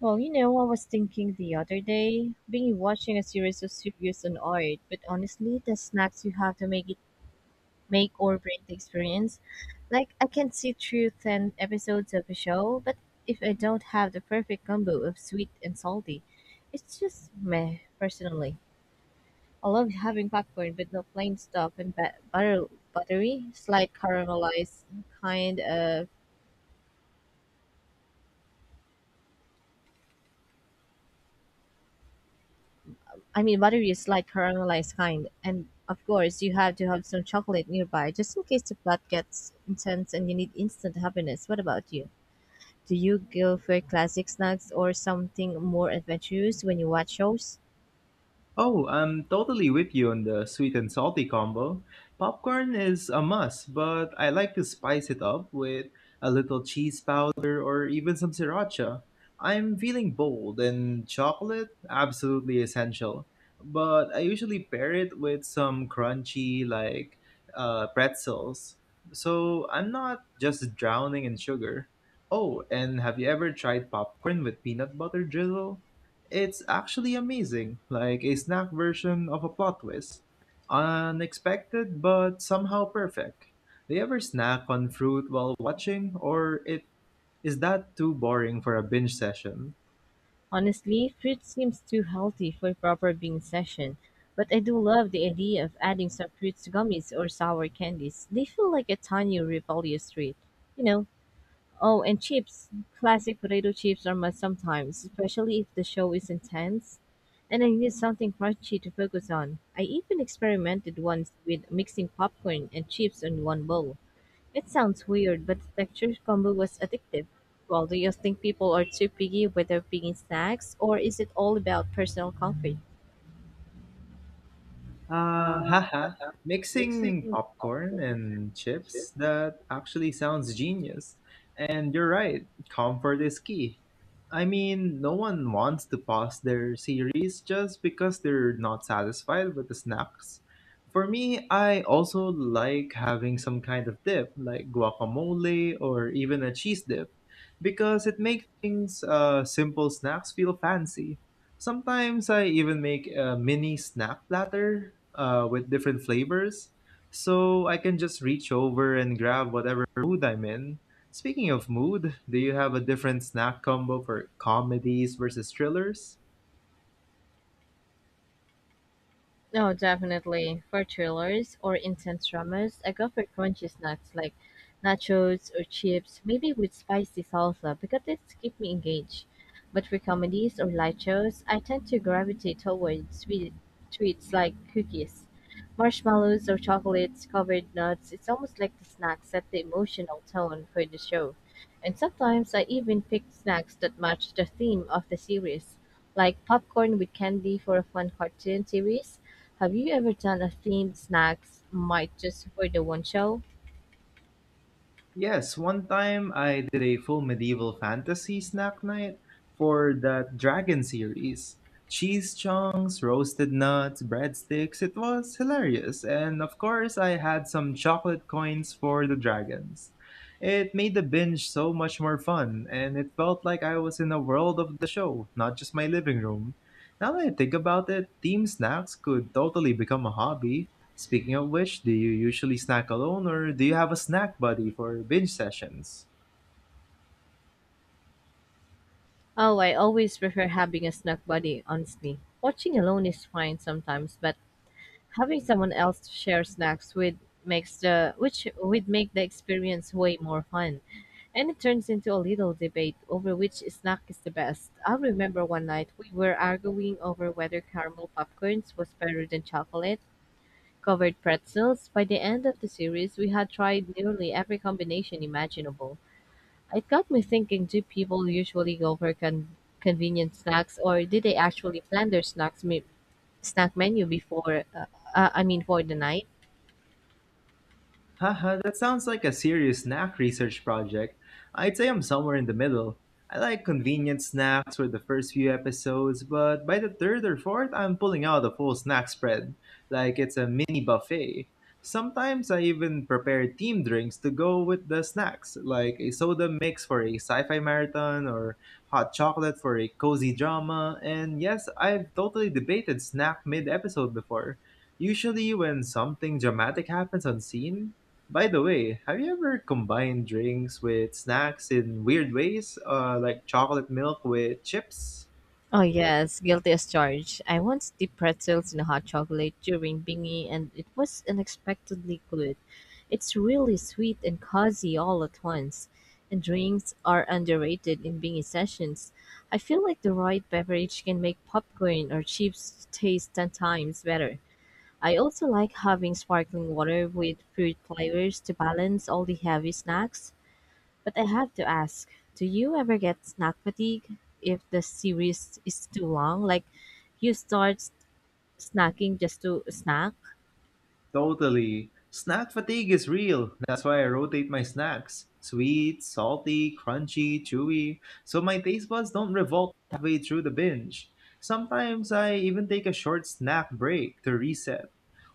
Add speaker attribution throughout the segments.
Speaker 1: Well, you know, I was thinking the other day, being watching a series of reviews on art, but honestly, the snacks you have to make it make or break the experience. Like I can sit through 10 episodes of a show, but if I don't have the perfect combo of sweet and salty, it's just meh. Personally, I love having popcorn, but not plain stuff and butter, buttery, slight caramelized kind of buttery is like caramelized kind, and of course, you have to have some chocolate nearby just in case the plot gets intense and you need instant happiness. What about you? Do you go for classic snacks or something more adventurous when you watch shows?
Speaker 2: Oh, I'm totally with you on the sweet and salty combo. Popcorn is a must, but I like to spice it up with a little cheese powder or even some sriracha. I'm feeling bold, and chocolate absolutely essential. But I usually pair it with some crunchy, like pretzels. So I'm not just drowning in sugar. Oh, and have you ever tried popcorn with peanut butter drizzle? It's actually amazing, like a snack version of a plot twist. Unexpected, but somehow perfect. Do you ever snack on fruit while watching, or it is that too boring for a binge session?
Speaker 1: Honestly, fruit seems too healthy for a proper bean session, but I do love the idea of adding some fruits to gummies or sour candies. They feel like a tiny rebellious treat. You know, oh, and chips. Classic potato chips are must sometimes, especially if the show is intense and I need something crunchy to focus on. I even experimented once with mixing popcorn and chips in one bowl. It sounds weird, but the texture combo was addictive. Well, do you think people are too picky with their picking snacks, or is it all about personal comfort?
Speaker 2: Haha. Mixing popcorn and chips, that actually sounds genius. And you're right, comfort is key. I mean, no one wants to pause their series just because they're not satisfied with the snacks. For me, I also like having some kind of dip, like guacamole or even a cheese dip, because it makes things simple snacks feel fancy. Sometimes I even make a mini snack platter with different flavors. So I can just reach over and grab whatever mood I'm in. Speaking of mood, do you have a different snack combo for comedies versus thrillers?
Speaker 1: No, definitely. For chillers or intense dramas, I go for crunchy snacks like nachos or chips, maybe with spicy salsa, because these keep me engaged. But for comedies or light shows, I tend to gravitate towards sweet treats like cookies, marshmallows, or chocolates covered nuts. It's almost like the snacks set the emotional tone for the show. And sometimes I even pick snacks that match the theme of the series, like popcorn with candy for a fun cartoon series. Have you ever done a themed snacks might just for the one show?
Speaker 2: Yes, one time I did a full medieval fantasy snack night for that dragon series. Cheese chunks, roasted nuts, breadsticks, it was hilarious. And of course, I had some chocolate coins for the dragons. It made the binge so much more fun, and it felt like I was in a world of the show, not just my living room. Now that I think about it, team snacks could totally become a hobby. Speaking of which, do you usually snack alone or do you have a snack buddy for binge sessions?
Speaker 1: Oh, I always prefer having a snack buddy, honestly. Watching alone is fine sometimes, but having someone else to share snacks with makes the which would make the experience way more fun. And it turns into a little debate over which snack is the best. I remember one night we were arguing over whether caramel popcorns was better than chocolate covered pretzels. By the end of the series, we had tried nearly every combination imaginable. It got me thinking, do people usually go for convenient snacks or do they actually plan their snack menu before, for the night?
Speaker 2: Haha, that sounds like a serious snack research project. I'd say I'm somewhere in the middle. I like convenient snacks for the first few episodes, but by the third or fourth, I'm pulling out a full snack spread, like it's a mini buffet. Sometimes I even prepare team drinks to go with the snacks, like a soda mix for a sci fi marathon or hot chocolate for a cozy drama. And yes, I've totally debated snack mid episode before. Usually, when something dramatic happens on scene, by the way, have you ever combined drinks with snacks in weird ways, like chocolate milk with chips?
Speaker 1: Oh, yes, guilty as charged. I once dipped pretzels in hot chocolate during bingy and it was unexpectedly good. It's really sweet and cozy all at once. And drinks are underrated in bingy sessions. I feel like the right beverage can make popcorn or chips taste 10 times better. I also like having sparkling water with fruit flavors to balance all the heavy snacks. But I have to ask, do you ever get snack fatigue if the series is too long? Like you snacking just to snack?
Speaker 2: Totally. Snack fatigue is real. That's why I rotate my snacks. Sweet, salty, crunchy, chewy, so my taste buds don't revolt halfway through the binge. Sometimes I even take a short snack break to reset,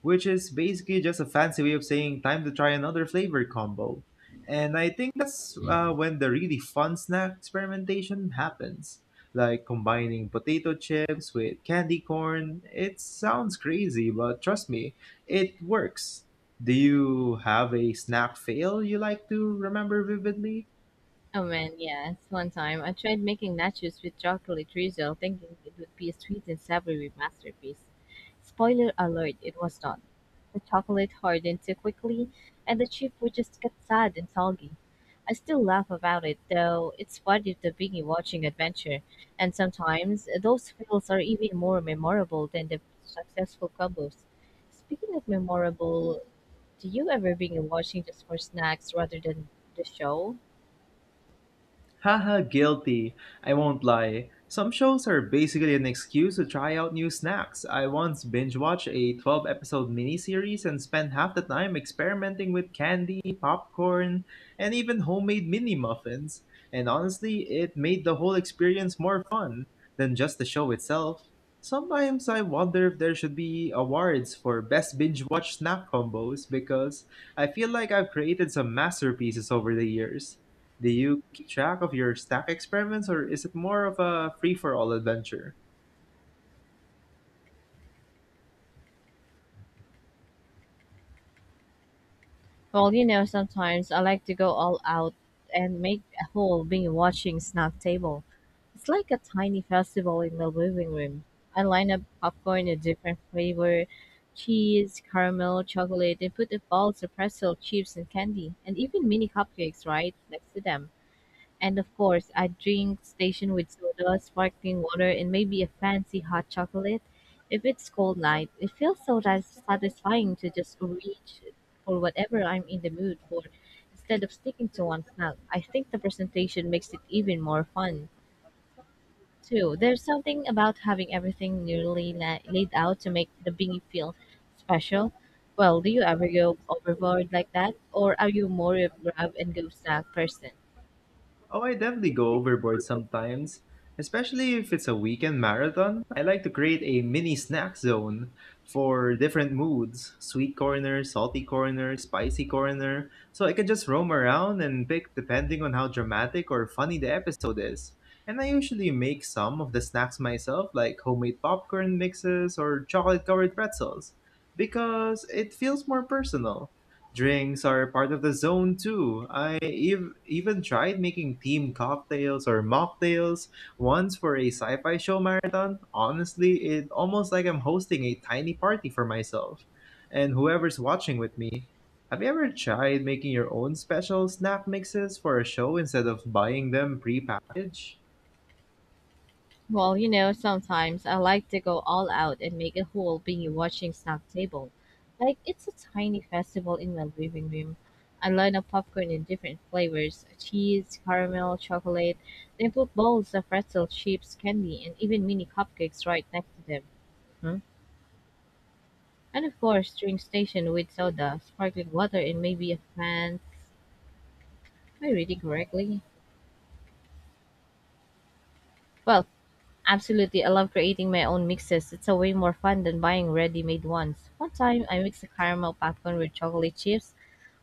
Speaker 2: which is basically just a fancy way of saying time to try another flavor combo. And I think that's when the really fun snack experimentation happens. Like combining potato chips with candy corn. It sounds crazy, but trust me, it works. Do you have a snack fail you like to remember vividly?
Speaker 1: Oh man, yes. One time I tried making nachos with chocolate drizzle, thinking it would be a sweet and savory masterpiece. Spoiler alert, it was done. The chocolate hardened too quickly, and the chip would just get sad and soggy. I still laugh about it, though it's part of the Biggie watching adventure, and sometimes those fails are even more memorable than the successful combos. Speaking of memorable, do you ever Biggie watching just for snacks rather than the show?
Speaker 2: Haha, guilty. I won't lie. Some shows are basically an excuse to try out new snacks. I once binge watched a 12 episode miniseries and spent half the time experimenting with candy, popcorn, and even homemade mini muffins. And honestly, it made the whole experience more fun than just the show itself. Sometimes I wonder if there should be awards for best binge watch snack combos because I feel like I've created some masterpieces over the years. Do you keep track of your stack experiments or is it more of a free for all adventure?
Speaker 1: Well, you know, sometimes I like to go all out and make a whole binge watching snack table. It's like a tiny festival in the living room. I line up popcorn in different flavor, cheese, caramel, chocolate, and put the balls of pretzel chips and candy, and even mini cupcakes right next to them. And of course, a drink station with soda, sparkling water, and maybe a fancy hot chocolate. If it's cold night, it feels so satisfying to just reach for whatever I'm in the mood for instead of sticking to one snack. I think the presentation makes it even more fun. Too. There's something about having everything nearly laid out to make the bingy feel special. Well, do you ever go overboard like that, or are you more of grab and go snack person?
Speaker 2: Oh, I definitely go overboard sometimes, especially if it's a weekend marathon. I like to create a mini snack zone for different moods sweet corner, salty corner, spicy corner. So I can just roam around and pick depending on how dramatic or funny the episode is. And I usually make some of the snacks myself, like homemade popcorn mixes or chocolate covered pretzels, because it feels more personal. Drinks are part of the zone too. Even tried making team cocktails or mocktails once for a sci-fi show marathon. Honestly, it almost like I'm hosting a tiny party for myself and whoever's watching with me. Have you ever tried making your own special snack mixes for a show instead of buying them pre-packaged?
Speaker 1: Well, you know, sometimes I like to go all out and make a whole binge watching snack table. Like it's a tiny festival in my living room. I line up popcorn in different flavors cheese, caramel, chocolate, then put bowls of pretzel chips, candy, and even mini cupcakes right next to them. Hmm? And of course, drink station with soda, sparkling water, and maybe a fan. Am I reading correctly? Well, absolutely, I love creating my own mixes. It's a way more fun than buying ready-made ones. One time, I mixed a caramel popcorn with chocolate chips,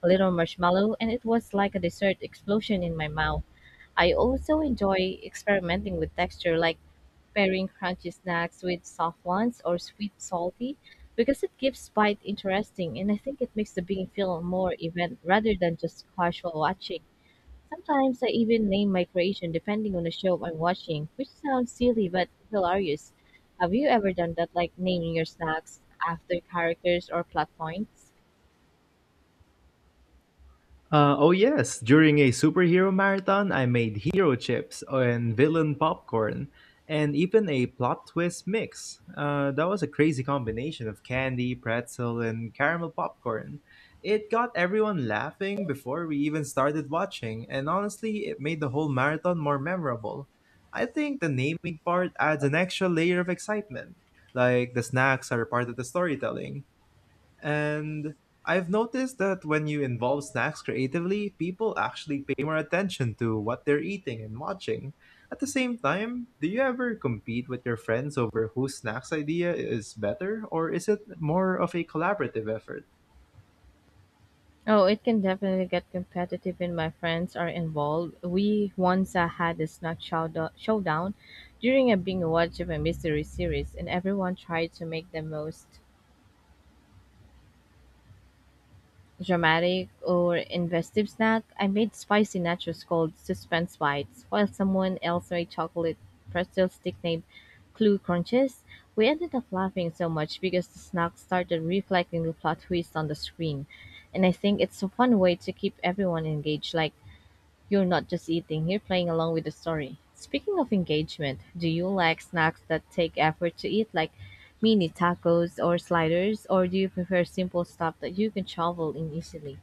Speaker 1: a little marshmallow, and it was like a dessert explosion in my mouth. I also enjoy experimenting with texture, like pairing crunchy snacks with soft ones or sweet salty, because it gives bite interesting, and I think it makes the being feel more event rather than just casual watching. Sometimes I even name my creation depending on the show I'm watching, which sounds silly but hilarious. Have you ever done that, like naming your snacks after characters or plot points?
Speaker 2: Oh yes, during a superhero marathon, I made hero chips and villain popcorn, and even a plot twist mix. That was a crazy combination of candy, pretzel, and caramel popcorn. It got everyone laughing before we even started watching, and honestly, it made the whole marathon more memorable. I think the naming part adds an extra layer of excitement. Like the snacks are part of the storytelling, and I've noticed that when you involve snacks creatively, people actually pay more attention to what they're eating and watching. At the same time, do you ever compete with your friends over whose snacks idea is better, or is it more of a collaborative effort?
Speaker 1: Oh, it can definitely get competitive when my friends are involved. We once had a snack showdown during a binge watch of a mystery series, and everyone tried to make the most dramatic or investive snack. I made spicy nachos called suspense bites, while someone else made chocolate pretzel stick named clue crunches. We ended up laughing so much because the snack started reflecting the plot twist on the screen. And I think it's a fun way to keep everyone engaged, like you're not just eating, you're playing along with the story. Speaking of engagement, do you like snacks that take effort to eat, like mini tacos or sliders, or do you prefer simple stuff that you can shovel in easily?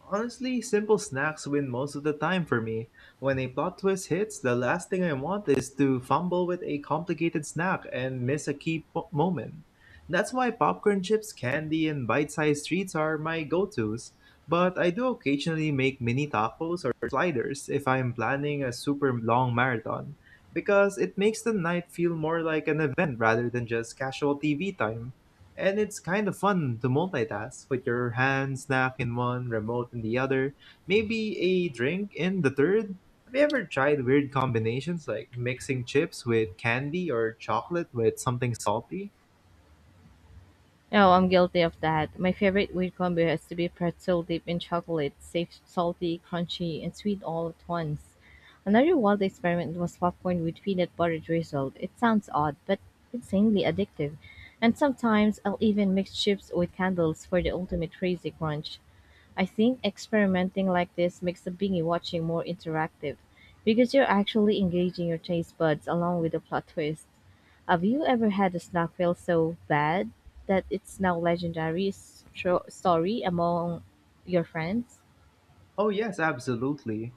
Speaker 2: Honestly, simple snacks win most of the time for me. When a plot twist hits, the last thing I want is to fumble with a complicated snack and miss a moment. That's why popcorn chips, candy, and bite sized treats are my go tos. But I do occasionally make mini tacos or sliders if I'm planning a super long marathon, because it makes the night feel more like an event rather than just casual TV time. And it's kind of fun to multitask with your hand snack in one, remote in the other, maybe a drink in the third. Have you ever tried weird combinations like mixing chips with candy or chocolate with something salty?
Speaker 1: Oh, I'm guilty of that. My favorite weird combo has to be pretzel dipped in chocolate, safe, salty, crunchy, and sweet all at once. Another wild experiment was popcorn with peanut butter drizzled. It sounds odd, but insanely addictive. And sometimes I'll even mix chips with candles for the ultimate crazy crunch. I think experimenting like this makes the bingy watching more interactive because you're actually engaging your taste buds along with the plot twist. Have you ever had a snack feel so bad that it's now legendary story among your friends?
Speaker 2: Oh, yes, absolutely.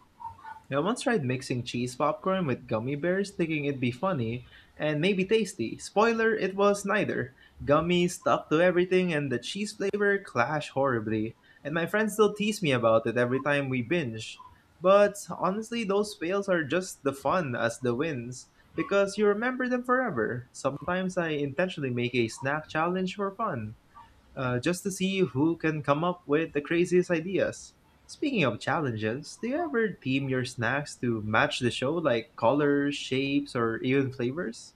Speaker 2: I once tried mixing cheese popcorn with gummy bears, thinking it'd be funny and maybe tasty. Spoiler, it was neither. Gummies stuck to everything, and the cheese flavor clashed horribly. And my friends still tease me about it every time we binge. But honestly, those fails are just the fun as the wins, because you remember them forever. Sometimes I intentionally make a snack challenge for fun just to see who can come up with the craziest ideas. Speaking of challenges, do you ever theme your snacks to match the show, like colors, shapes, or even flavors?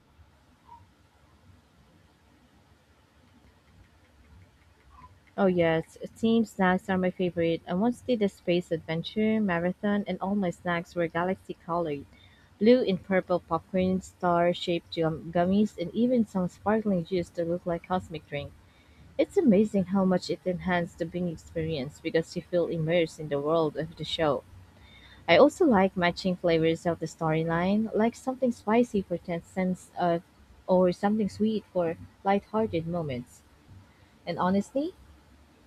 Speaker 1: Oh yes, team snacks are my favorite. I once did a space adventure marathon, and all my snacks were galaxy colored, blue and purple popcorn, star-shaped gummies, and even some sparkling juice that looked like cosmic drink. It's amazing how much it enhanced the Bing experience because you feel immersed in the world of the show. I also like matching flavors of the storyline, like something spicy for tense sense of, or something sweet for lighthearted moments. And honestly,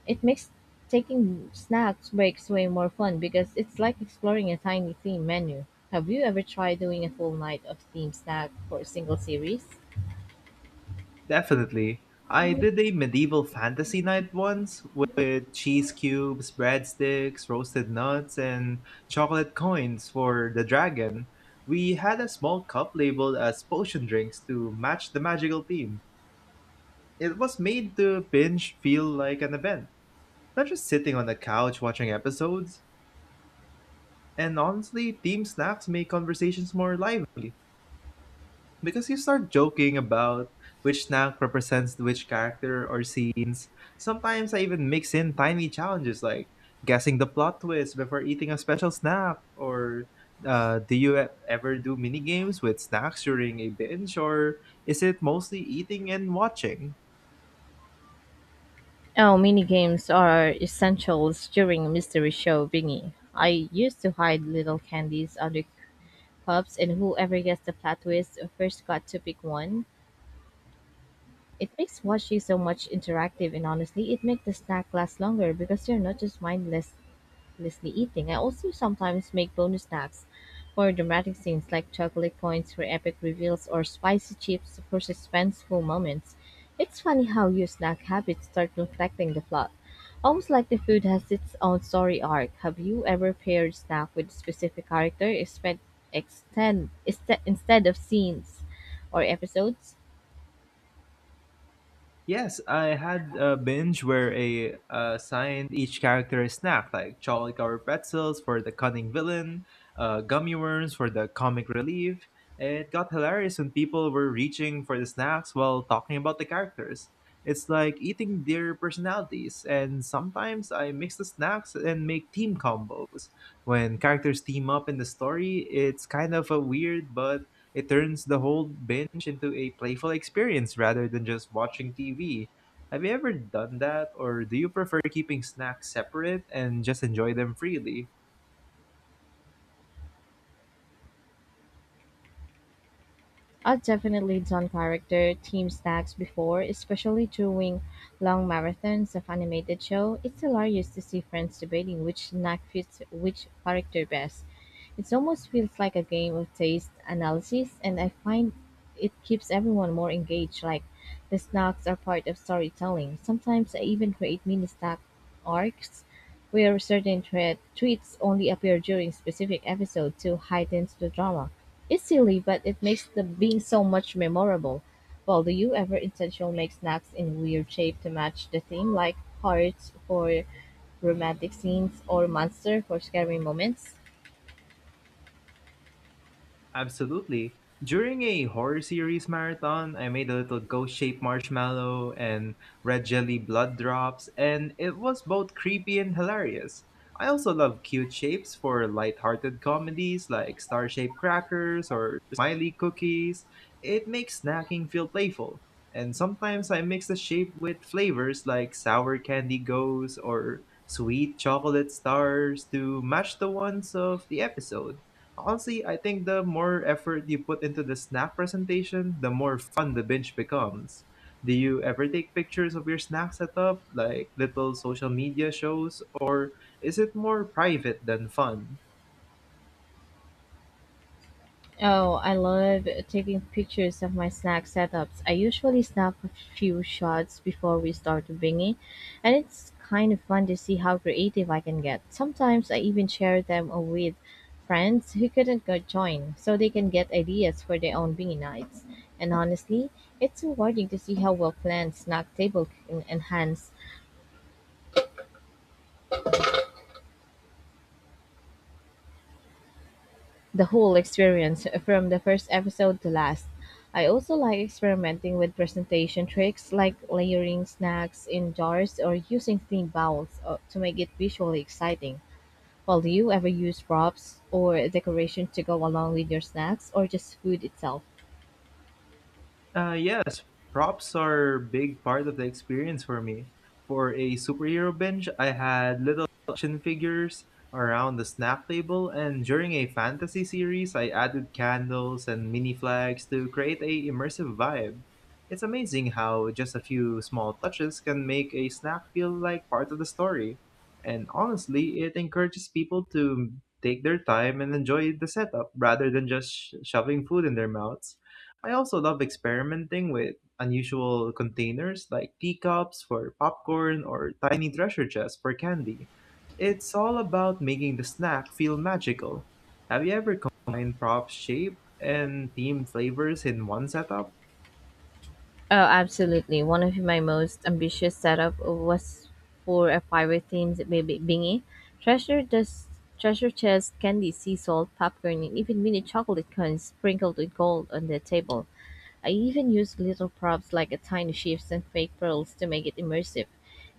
Speaker 1: it makes taking snacks breaks way more fun because it's like exploring a tiny theme menu. Have you ever tried doing a full night of theme snack for a single series?
Speaker 2: Definitely. I did a medieval fantasy night once with cheese cubes, breadsticks, roasted nuts, and chocolate coins for the dragon. We had a small cup labeled as potion drinks to match the magical theme. It was made to binge feel like an event, not just sitting on the couch watching episodes. And honestly, team snacks make conversations more lively because you start joking about which snack represents which character or scenes. Sometimes I even mix in tiny challenges like guessing the plot twist before eating a special snack, or do you ever do mini games with snacks during a binge or is it mostly eating and watching?
Speaker 1: Oh, minigames are essentials during a mystery show, Bingy. I used to hide little candies under cups, and whoever gets the plot twist first got to pick one. It makes watching so much interactive, and honestly, it makes the snack last longer because you're not just mindlessly eating. I also sometimes make bonus snacks for dramatic scenes, like chocolate coins for epic reveals or spicy chips for suspenseful moments. It's funny how your snack habits start reflecting the plot. Almost like the food has its own story arc. Have you ever paired snack with a specific character instead of scenes or episodes?
Speaker 2: Yes, I had a binge where I assigned each character a snack, like chocolate covered pretzels for the cunning villain, gummy worms for the comic relief. It got hilarious when people were reaching for the snacks while talking about the characters. It's like eating their personalities, and sometimes I mix the snacks and make team combos. When characters team up in the story, it's kind of a weird but it turns the whole binge into a playful experience rather than just watching TV. Have you ever done that, or do you prefer keeping snacks separate and just enjoy them freely?
Speaker 1: I've definitely done character team snacks before, especially during long marathons of animated show. It's hilarious to see friends debating which snack fits which character best. It almost feels like a game of taste analysis, and I find it keeps everyone more engaged. Like the snacks are part of storytelling. Sometimes I even create mini snack arcs where certain treats only appear during specific episodes to heighten the drama. It's silly, but it makes the bean so much memorable. Well, do you ever intentionally make snacks in weird shape to match the theme, like hearts for romantic scenes or monster for scary moments?
Speaker 2: Absolutely. During a horror series marathon, I made a little ghost-shaped marshmallow and red jelly blood drops, and it was both creepy and hilarious. I also love cute shapes for light-hearted comedies like star-shaped crackers or smiley cookies. It makes snacking feel playful. And sometimes I mix the shape with flavors like sour candy goes or sweet chocolate stars to match the ones of the episode. Honestly, I think the more effort you put into the snack presentation, the more fun the binge becomes. Do you ever take pictures of your snack setup, like little social media shows, or is it more private than fun?
Speaker 1: Oh, I love taking pictures of my snack setups. I usually snap a few shots before we start binging, and it's kind of fun to see how creative I can get. Sometimes I even share them with friends who couldn't go join so they can get ideas for their own binging nights. And honestly, it's rewarding to see how well planned snack table can enhance the whole experience, from the first episode to last. I also like experimenting with presentation tricks like layering snacks in jars or using clean bowls to make it visually exciting. Well, do you ever use props or decoration to go along with your snacks or just food itself?
Speaker 2: Yes, props are a big part of the experience for me. For a superhero binge, I had little action figures around the snack table, and during a fantasy series, I added candles and mini flags to create a immersive vibe. It's amazing how just a few small touches can make a snack feel like part of the story. And honestly, it encourages people to take their time and enjoy the setup rather than just shoving food in their mouths. I also love experimenting with unusual containers like teacups for popcorn or tiny treasure chests for candy. It's all about making the snack feel magical. Have you ever combined prop shape and themed flavors in one setup?
Speaker 1: Oh, absolutely. One of my most ambitious setup was for a pirate themed baby bingy. Treasure just treasure chest, candy, sea salt, popcorn, and even mini chocolate coins sprinkled with gold on the table. I even used little props like a tiny shifts and fake pearls to make it immersive.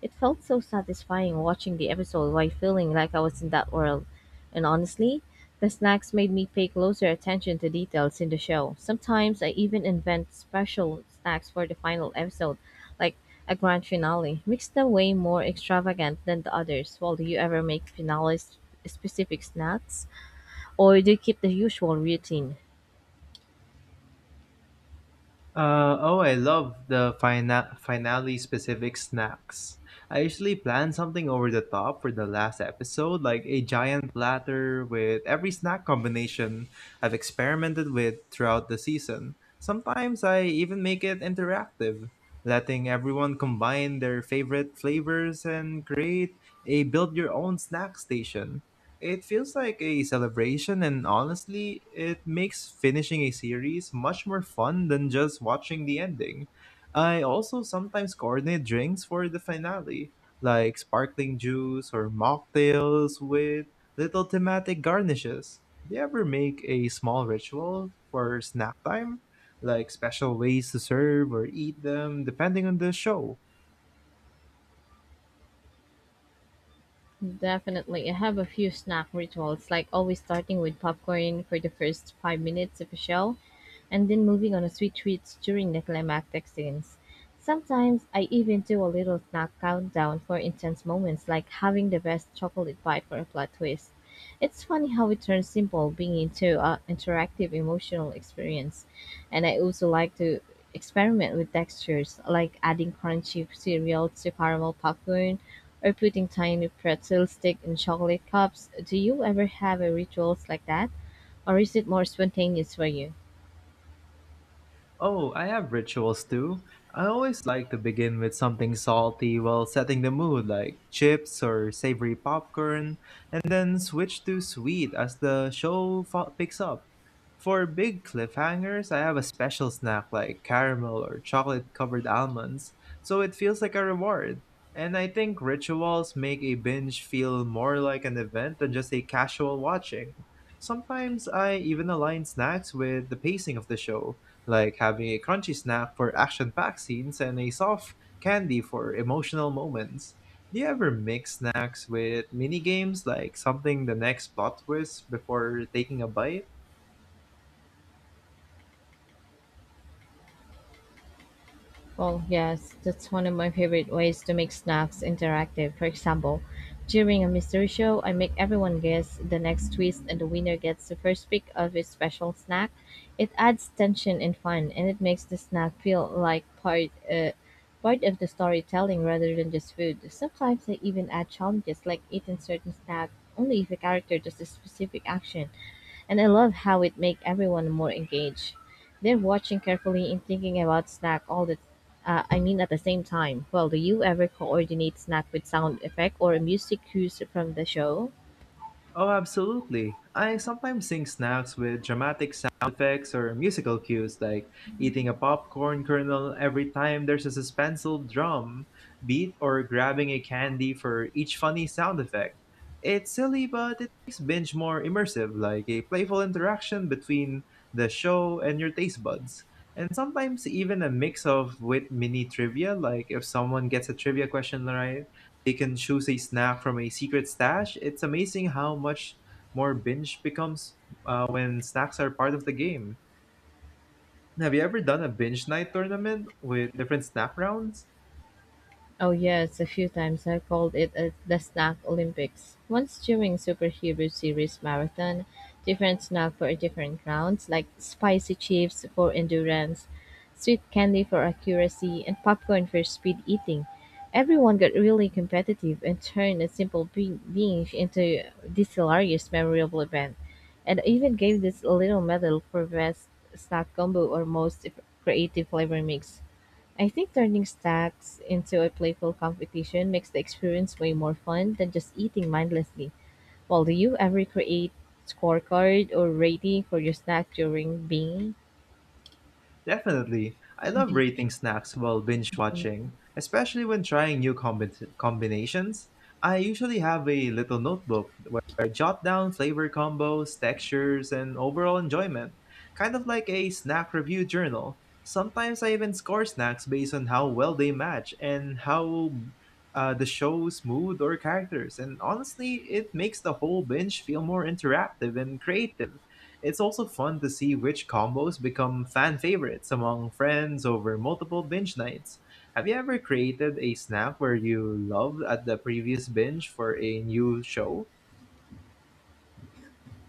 Speaker 1: It felt so satisfying watching the episode while feeling like I was in that world. And honestly, the snacks made me pay closer attention to details in the show. Sometimes I even invent special snacks for the final episode, like a grand finale, mixed away more extravagant than the others. Well, do you ever make finales specific snacks, or do you keep the usual routine?
Speaker 2: Oh, I love the finale specific snacks. I usually plan something over the top for the last episode, like a giant platter with every snack combination I've experimented with throughout the season. Sometimes I even make it interactive, letting everyone combine their favorite flavors and create a build your own snack station. It feels like a celebration, and honestly, it makes finishing a series much more fun than just watching the ending. I also sometimes coordinate drinks for the finale, like sparkling juice or mocktails with little thematic garnishes. Do you ever make a small ritual for snack time? Like special ways to serve or eat them depending on the show?
Speaker 1: Definitely. I have a few snack rituals, like always starting with popcorn for the first 5 minutes of a show and then moving on to sweet treats during the climactic scenes. Sometimes I even do a little snack countdown for intense moments, like having the best chocolate bite for a plot twist. It's funny how it turns simple being into an interactive emotional experience. And I also like to experiment with textures, like adding crunchy cereal to caramel popcorn or putting tiny pretzel stick in chocolate cups. Do you ever have a rituals like that? Or is it more spontaneous for you?
Speaker 2: Oh, I have rituals too. I always like to begin with something salty while setting the mood, like chips or savory popcorn, and then switch to sweet as the show picks up. For big cliffhangers, I have a special snack like caramel or chocolate covered almonds, so it feels like a reward. And I think rituals make a binge feel more like an event than just a casual watching. Sometimes I even align snacks with the pacing of the show, like having a crunchy snack for action packed scenes and a soft candy for emotional moments. Do you ever mix snacks with mini games, like something the next plot twist before taking a bite?
Speaker 1: Well, yes, that's one of my favorite ways to make snacks interactive. For example, during a mystery show, I make everyone guess the next twist and the winner gets the first pick of a special snack. It adds tension and fun, and it makes the snack feel like part of the storytelling rather than just food. Sometimes I even add challenges like eating certain snack only if a character does a specific action and I love how it make everyone more engaged. They're watching carefully and thinking about snack all the I mean at the same time. Well, do you ever coordinate snack with sound effect or music cues from the show?
Speaker 2: Oh, absolutely. I sometimes sync snacks with dramatic sound effects or musical cues, like eating a popcorn kernel every time there's a suspenseful drum beat or grabbing a candy for each funny sound effect. It's silly, but it makes binge more immersive, like a playful interaction between the show and your taste buds. And sometimes even a mix of with mini trivia, like if someone gets a trivia question right, they can choose a snack from a secret stash. It's amazing how much more binge becomes when snacks are part of the game. Have you ever done a binge night tournament with different snack rounds?
Speaker 1: Oh yes, a few times I called it the snack Olympics. Once during superhero series marathon, different snack for different rounds, like spicy chips for endurance, sweet candy for accuracy, and popcorn for speed eating. Everyone got really competitive and turned a simple being into this hilarious, memorable event. And even gave this a little medal for best snack combo or most creative flavor mix. I think turning stacks into a playful competition makes the experience way more fun than just eating mindlessly. Well, do you ever create scorecard or rating for your snack during being?
Speaker 2: Definitely. I love
Speaker 1: Beach?
Speaker 2: rating snacks while binge watching, especially when trying new combinations. I usually have a little notebook where I jot down flavor combos, textures, and overall enjoyment, kind of like a snack review journal. Sometimes I even score snacks based on how well they match and how the show's mood or characters. And honestly, it makes the whole binge feel more interactive and creative. It's also fun to see which combos become fan favorites among friends over multiple binge nights. Have you ever created a snack where you loved at the previous binge for a new show?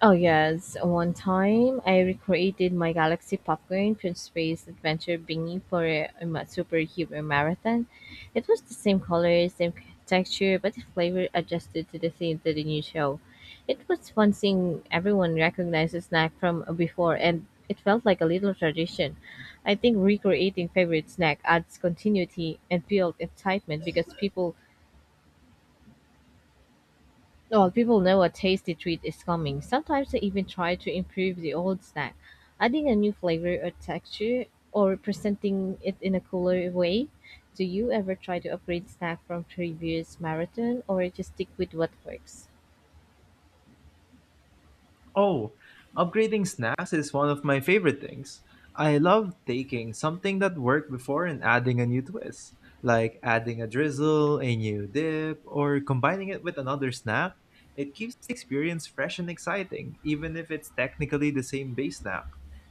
Speaker 1: Oh yes, one time I recreated my Galaxy popcorn from Space Adventure Bingy for superhero marathon. It was the same color, texture, but the flavor adjusted to the theme to the new show. It was fun seeing everyone recognize the snack from before, and it felt like a little tradition. I think recreating favorite snack adds continuity and build excitement because people know a tasty treat is coming. Sometimes they even try to improve the old snack, adding a new flavor or texture or presenting it in a cooler way. Do you ever try to upgrade snack from previous marathon or just stick with what works?
Speaker 2: Oh, upgrading snacks is one of my favorite things. I love taking something that worked before and adding a new twist, like adding a drizzle, a new dip, or combining it with another snack. It keeps the experience fresh and exciting, even if it's technically the same base snack.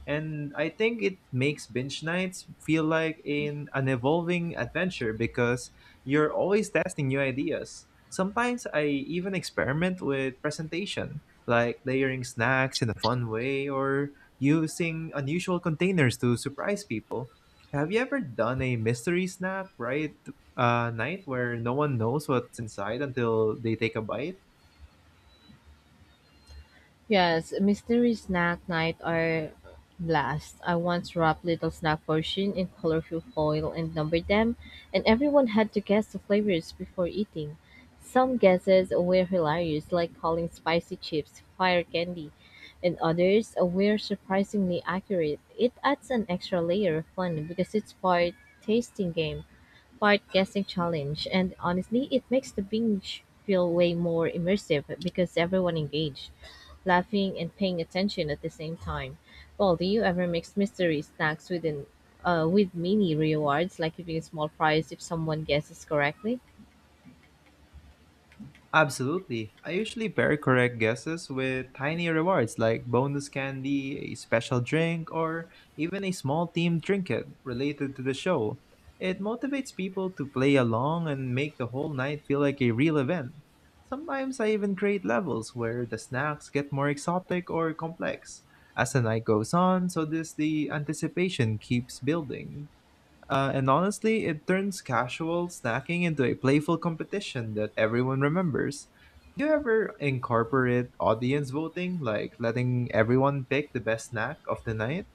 Speaker 2: And I think it makes binge nights feel like in an evolving adventure because you're always testing new ideas. Sometimes I even experiment with presentation, like layering snacks in a fun way or using unusual containers to surprise people. Have you ever done a mystery snack night where no one knows what's inside until they take a bite?
Speaker 1: Yes, mystery snack night are blast. I once wrapped little snack portion in colorful foil and numbered them, and everyone had to guess the flavors before eating. Some guesses were hilarious, like calling spicy chips fire candy, and others were surprisingly accurate. It adds an extra layer of fun because it's part tasting game, part guessing challenge, and honestly, it makes the binge feel way more immersive because everyone engaged laughing and paying attention at the same time. Well, do you ever mix mystery snacks with an with mini rewards, like giving a small prize if someone guesses correctly?
Speaker 2: Absolutely. I usually pair correct guesses with tiny rewards like bonus candy, a special drink, or even a small themed trinket related to the show. It motivates people to play along and make the whole night feel like a real event. Sometimes I even create levels where the snacks get more exotic or complex as the night goes on, so this the anticipation keeps building. And honestly, it turns casual snacking into a playful competition that everyone remembers. Do you ever incorporate audience voting, like letting everyone pick the best snack of the night?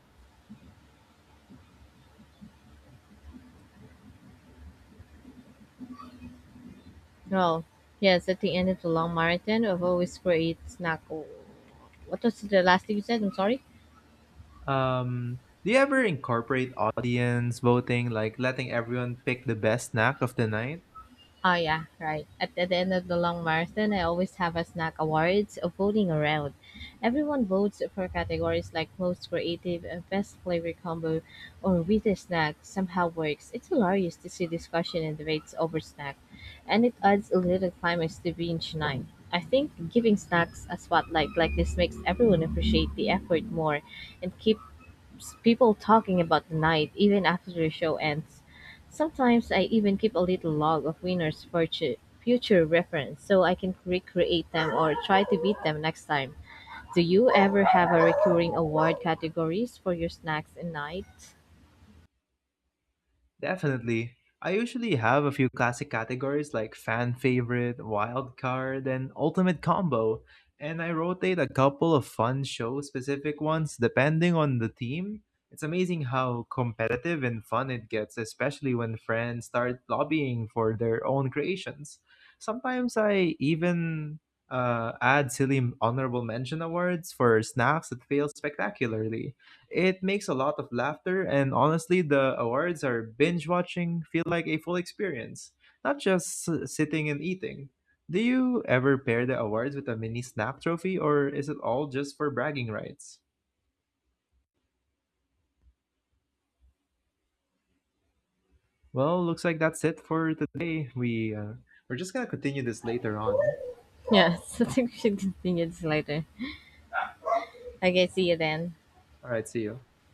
Speaker 1: Well, yes, at the end of the long marathon, I've always create snack. Oh, what was the last thing you said? I'm sorry.
Speaker 2: Um, do you ever incorporate audience voting, like letting everyone pick the best snack of the night?
Speaker 1: Oh yeah, right. At the end of the long marathon, I always have a snack awards of voting around. Everyone votes for categories like most creative, best flavor combo, or weirdest snack. Somehow works. It's hilarious to see discussion and debates over snack, and it adds a little climax to binge night. I think giving snacks a spotlight like this makes everyone appreciate the effort more and keep people talking about the night even after the show ends. Sometimes I even keep a little log of winners for future reference so I can recreate them or try to beat them next time. Do you ever have a recurring award categories for your snacks and night?
Speaker 2: Definitely. I usually have a few classic categories like fan favorite, wild card, and ultimate combo. And I rotate a couple of fun show specific ones depending on the theme. It's amazing how competitive and fun it gets, especially when friends start lobbying for their own creations. Sometimes I even add silly honorable mention awards for snacks that fail spectacularly. It makes a lot of laughter, and honestly, the awards are binge watching feel like a full experience, not just sitting and eating. Do you ever pair the awards with a mini snack trophy, or is it all just for bragging rights? Well, looks like that's it for today. We're just gonna continue this later on.
Speaker 1: Yes, I think we should continue this later. Okay, see you then.
Speaker 2: All right, see you.